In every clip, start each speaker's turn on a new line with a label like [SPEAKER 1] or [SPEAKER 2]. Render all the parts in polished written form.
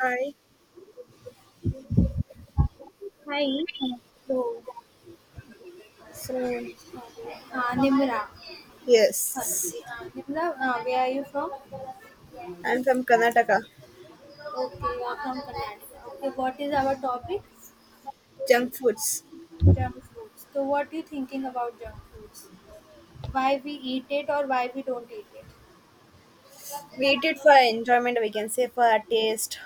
[SPEAKER 1] Hi.
[SPEAKER 2] Hi. So,
[SPEAKER 1] So,
[SPEAKER 2] Nimra,
[SPEAKER 1] yes,
[SPEAKER 2] Firstly, Nimra, where are you from? Okay,
[SPEAKER 1] I'm from Karnataka.
[SPEAKER 2] you are from Karnataka. Okay, what is our topic?
[SPEAKER 1] Junk foods.
[SPEAKER 2] Junk foods. So, what you thinking about junk foods? Why we eat it or why we don't eat it?
[SPEAKER 1] We eat it for enjoyment, we can say, for our taste.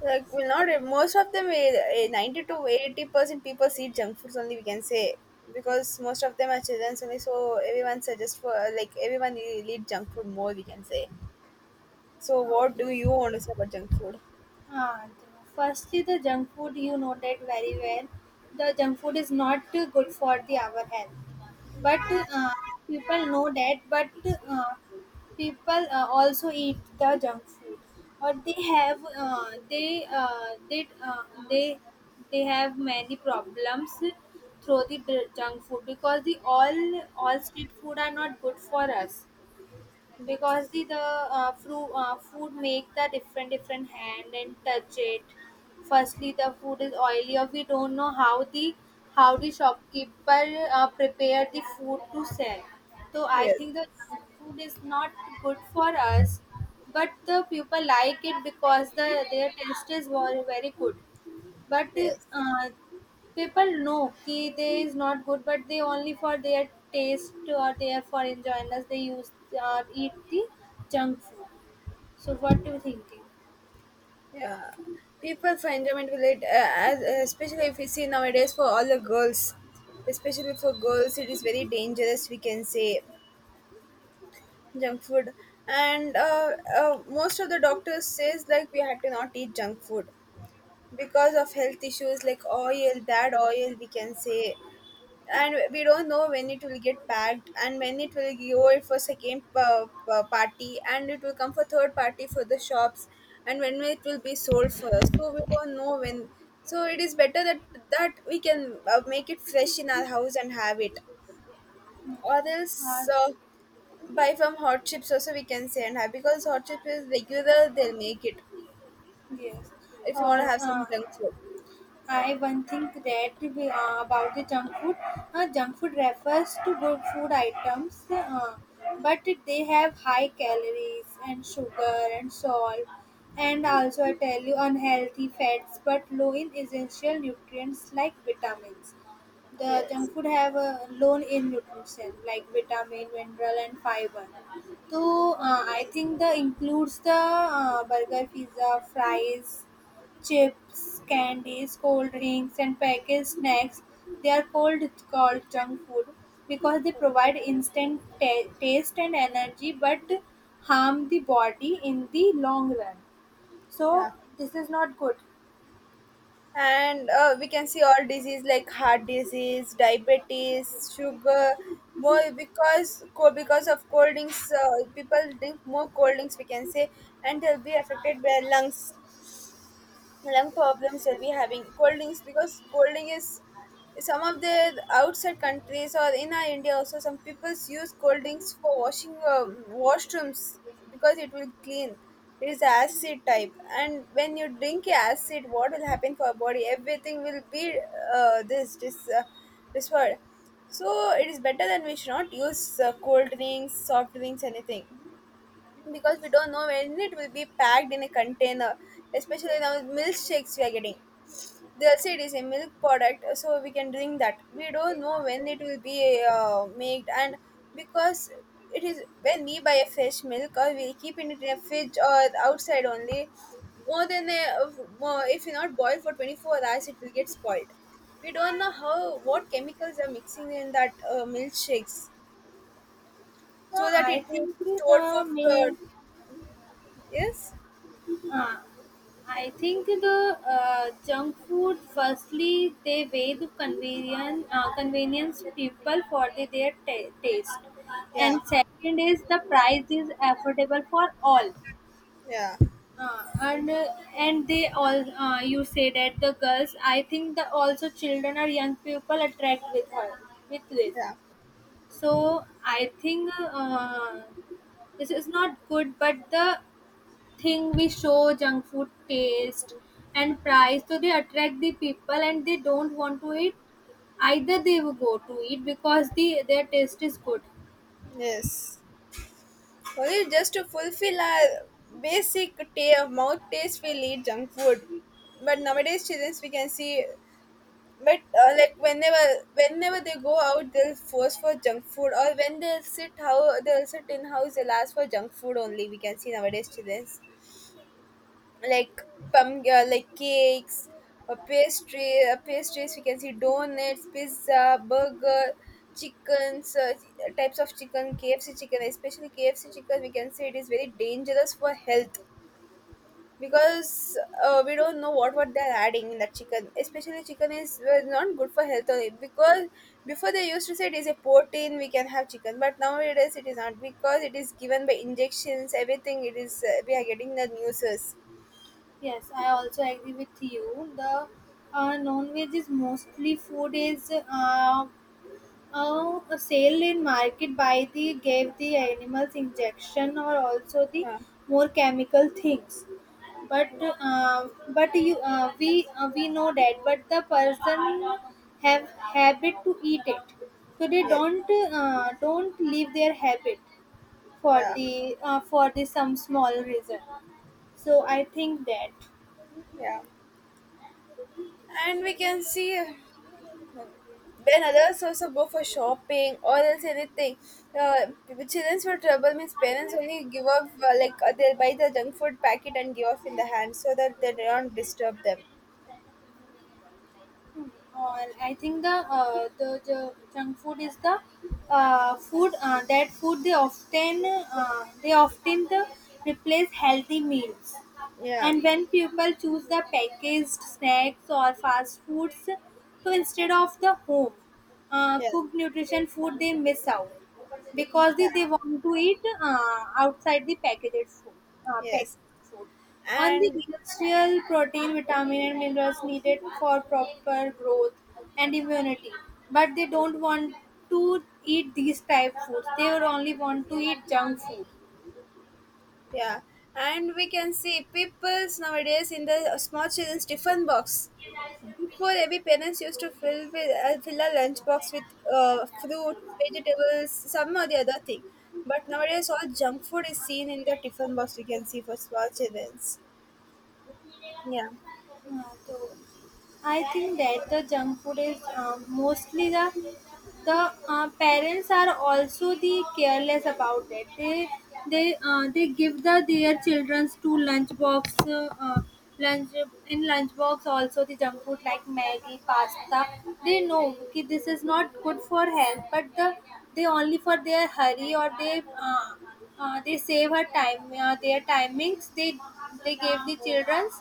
[SPEAKER 1] Like, we not, most of them, 90 to 80% people eat junk foods only, we can say, because most of them are children only, so everyone suggests for, like, everyone will eat junk food more, we can say. So,
[SPEAKER 2] हाँ,
[SPEAKER 1] what do
[SPEAKER 2] तो
[SPEAKER 1] you want to say about junk food?
[SPEAKER 2] Ah, firstly, the junk food you noted very well. The junk food is not good for the our health, but uh, people know that. But uh, people also eat the junk food, or they have they they have many problems through the junk food, because the all street food are not good for us, because the food make the different different hand and touch it. Firstly the food is oily, or we don't know how the shopkeeper prepare the food to sell. So I
[SPEAKER 1] Yes,
[SPEAKER 2] think the food is not good for us, but the people like it because the their taste is very, very good. But
[SPEAKER 1] yes.
[SPEAKER 2] uh, People know ki they is not good, but they only for their taste or their for enjoy they use or eat the junk food. So what do you thinking?
[SPEAKER 1] Yeah, people find enjoyment will it, as, especially if you see nowadays for all the girls, especially for girls, it is very dangerous. We can say junk food, and most of the doctors says like we have to not eat junk food because of health issues like oil, bad oil. We can say, and we don't know when it will get packed and when it will go for second party, and it will come for third party for the shops, and when it will be sold for us, so we don't know when. So it is better that we can make it fresh in our house and have it, or
[SPEAKER 2] Uh,
[SPEAKER 1] else buy from hot chips also, we can say, and have, because hot chips is regular, they'll make it
[SPEAKER 2] yes,
[SPEAKER 1] if you want to
[SPEAKER 2] or
[SPEAKER 1] have some junk food.
[SPEAKER 2] I one thing that we, about the junk food. Junk food refers to good food items, but they have high calories and sugar and salt, and also I tell you unhealthy fats, but low in essential nutrients like vitamins. The
[SPEAKER 1] Yes.
[SPEAKER 2] junk food have a low in nutrition like vitamin, mineral, and fiber. So I think the includes the burger, pizza, fries, chips, candies, cold drinks, and packaged snacks. They are called junk food because they provide instant taste and energy, but harm the body in the long run. So
[SPEAKER 1] Yeah.
[SPEAKER 2] this is not good.
[SPEAKER 1] And we can see all disease like heart disease, diabetes, sugar more, because because of cold drinks. People drink more cold drinks, we can say, and they'll be affected by lungs, lung problems will be having cold drinks, because cold drink is, some of the outside countries or in our India also, some peoples use cold drinks for washing washrooms because it will clean. It is acid type, and when you drink acid, what will happen for our body? Everything will be this this word. So it is better that we should not use cold drinks, soft drinks, anything, because we don't know when it will be packed in a container, especially now milkshakes we are getting. They'll say it is a milk product so we can drink that. We don't know when it will be made, and because it is, when we buy a fresh milk or we keep it in a fridge or outside only more than a, more, if you not boil for 24 hours it will get spoiled. We don't know how, what chemicals are mixing in that milkshakes, so
[SPEAKER 2] Uh,
[SPEAKER 1] that
[SPEAKER 2] I
[SPEAKER 1] it will
[SPEAKER 2] think
[SPEAKER 1] be stored for.
[SPEAKER 2] the
[SPEAKER 1] uh,
[SPEAKER 2] ma-
[SPEAKER 1] yes.
[SPEAKER 2] Uh, I think the junk food, firstly, they weigh the convenience, convenience people for the, their taste.
[SPEAKER 1] Yeah.
[SPEAKER 2] And second is the price is affordable for all.
[SPEAKER 1] Yeah,
[SPEAKER 2] Uh, and uh, and they all you say that the girls, I think the also children or young people attract with her with this.
[SPEAKER 1] yeah,
[SPEAKER 2] So I think this is not good, but the thing we show junk food taste and price, so they attract the people and they don't want to eat, either they will go to eat because the their taste is good.
[SPEAKER 1] yes. Only just to fulfill our basic ta- mouth taste, we'll eat junk food. But nowadays, children, we can see, but like whenever they go out, they'll force for junk food, or when they'll sit, how they'll sit in house, they'll ask for junk food only. We can see nowadays, children. Like like cakes, pastry, pastries. We can see donuts, pizza, burger, chickens, types of chicken, KFC chicken, especially KFC chicken. We can say it is very dangerous for health, because we don't know what they're adding in that chicken. Especially chicken is not good for health only, because before they used to say it is a protein we can have chicken, but nowadays it is not, because it is given by injections. Everything it is, we are getting the newses.
[SPEAKER 2] Yes, I also agree with you. The non-veg is mostly food is a sale in market by the gave the animals injection, or also the
[SPEAKER 1] Uh,
[SPEAKER 2] more chemical things. But uh, but you uh, we uh, we know that, but the person have habit to eat it, so they
[SPEAKER 1] yes.
[SPEAKER 2] don't leave their habit for
[SPEAKER 1] Yeah,
[SPEAKER 2] the some small reason. So I think that.
[SPEAKER 1] yeah. And we can see when others also go for shopping or else anything, the children's for trouble means parents only give off, like, they'll buy the junk food packet and give off in the hand, so that they don't disturb them.
[SPEAKER 2] Hmm. I think the, the junk food is the food that food they often the replace healthy meals.
[SPEAKER 1] Yeah,
[SPEAKER 2] And when people choose the packaged snacks or fast foods, so instead of the home
[SPEAKER 1] yeah,
[SPEAKER 2] cooked nutrition food, they miss out, because
[SPEAKER 1] yeah,
[SPEAKER 2] they want to eat outside the packaged food. Uh,
[SPEAKER 1] yes,
[SPEAKER 2] packaged food. On the
[SPEAKER 1] and
[SPEAKER 2] industrial protein, vitamin, and minerals needed for proper growth and immunity, but they don't want to eat these type foods. They would only want to eat junk food.
[SPEAKER 1] yeah. And we can see people's nowadays in the small children's tiffin box. Before, every parents used to fill with, fill a lunchbox with fruits, vegetables, some or the other thing. But nowadays, all junk food is seen in the tiffin box. We can see for small children. Yeah.
[SPEAKER 2] हाँ, तो I think that the junk food is mostly the parents are also the careless about it. They they give the their childrens to lunchbox lunch in lunchbox also the junk food like Maggie, pasta. They know, okay, this is not good for health, but the they only for their hurry or they. Uh, they save her time. Their timings. They gave the childrens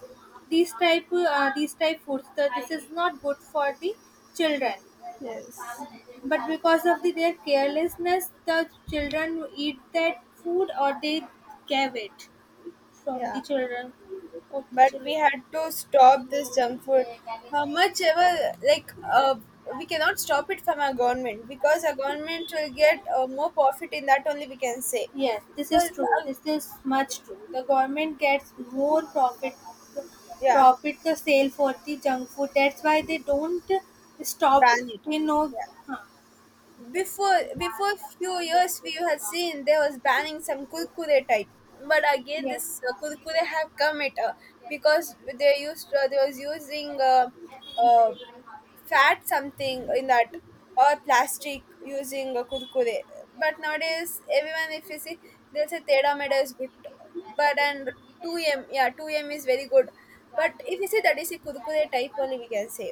[SPEAKER 2] these type foods. The, this is not good for the children.
[SPEAKER 1] Yes.
[SPEAKER 2] But because of the, their carelessness, the children eat that food, or they gave it from the
[SPEAKER 1] Yeah.
[SPEAKER 2] children of the
[SPEAKER 1] But we
[SPEAKER 2] children.
[SPEAKER 1] had to stop this junk food. How much ever, like, we cannot stop it from our government, because our government will get more profit in that only. We can say.
[SPEAKER 2] Yes, this is
[SPEAKER 1] Well,
[SPEAKER 2] true.
[SPEAKER 1] uh,
[SPEAKER 2] This is much true. The government gets more profit
[SPEAKER 1] yeah,
[SPEAKER 2] profit the sale for the junk food. That's why they don't stop it.
[SPEAKER 1] ban it.
[SPEAKER 2] You know,
[SPEAKER 1] Yeah.
[SPEAKER 2] huh.
[SPEAKER 1] Before few years we had seen there was banning some kurkure type, but again
[SPEAKER 2] Yes.
[SPEAKER 1] this kurkure have come. It, because they was using uh, fat something in that, or plastic, using kurkure. But nowadays, everyone, if you see, they'll say teda meda is good, but and 2m, yeah, 2m is very good. But if you see, that is a kurkure type only, we can say.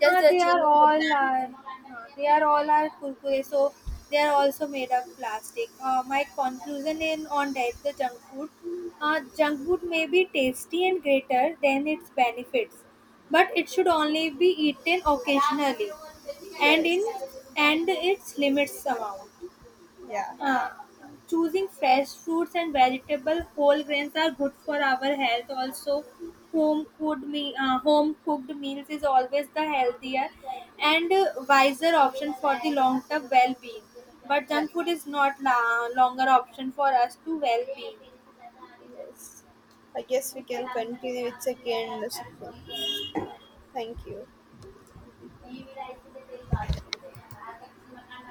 [SPEAKER 1] Just
[SPEAKER 2] Uh,
[SPEAKER 1] they're
[SPEAKER 2] they are
[SPEAKER 1] changing the
[SPEAKER 2] all
[SPEAKER 1] brand.
[SPEAKER 2] are uh, they are all are kurkure, so they are also made of plastic. My conclusion in on that the junk food may be tasty and greater than its benefits, but it should only be eaten occasionally, and in
[SPEAKER 1] Yes.
[SPEAKER 2] and its limits amount.
[SPEAKER 1] Yeah.
[SPEAKER 2] Uh, Choosing fresh fruits and vegetables, whole grains are good for our health. Also home cooked me home cooked meals is always the healthier and wiser option for the long term well being, but
[SPEAKER 1] Yeah.
[SPEAKER 2] junk food is not longer option for us to well being.
[SPEAKER 1] Yes. I guess we can continue with second section. Thank you.
[SPEAKER 2] Okay.